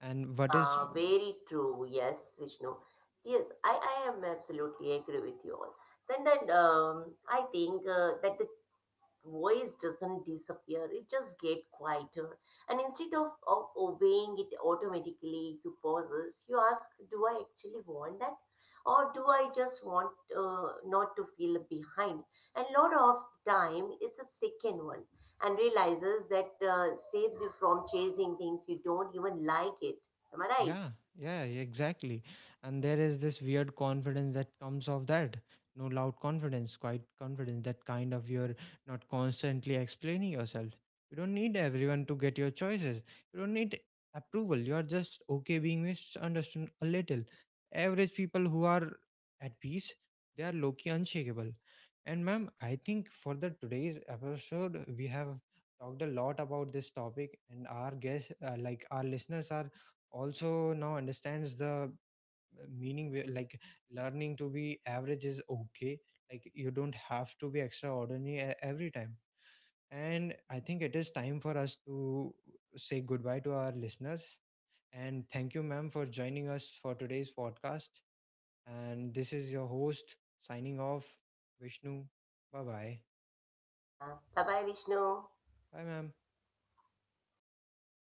S1: And what is...
S2: Yeah, very true. Yes, Vishnu. Yes, I am absolutely agree with you all. And then I think that the voice doesn't disappear, it just get quieter. And instead of, obeying it automatically, you pauses, you ask, do I actually want that, or do I just want not to feel behind? And lot of time it's a second one, and realizes that saves you from chasing things you don't even like it. Am I right?
S1: Yeah, yeah, yeah, exactly. And there is this weird confidence that comes of that. No loud confidence, quiet confidence, that kind of you're not constantly explaining yourself. You don't need everyone to get your choices. You don't need approval. You're just okay being misunderstood a little. Average people who are at peace, they are low key unshakable. And ma'am, I think for the today's episode, we have talked a lot about this topic, and our guests, like our listeners, are also now understands the meaning where, like, learning to be average is okay. Like, you don't have to be extraordinary every time, and I think it is time for us to say goodbye to our listeners. And thank you, ma'am, for joining us for today's podcast. And this is your host signing off, Vishnu. Bye bye.
S2: Yeah, bye bye, Vishnu.
S1: Bye, ma'am.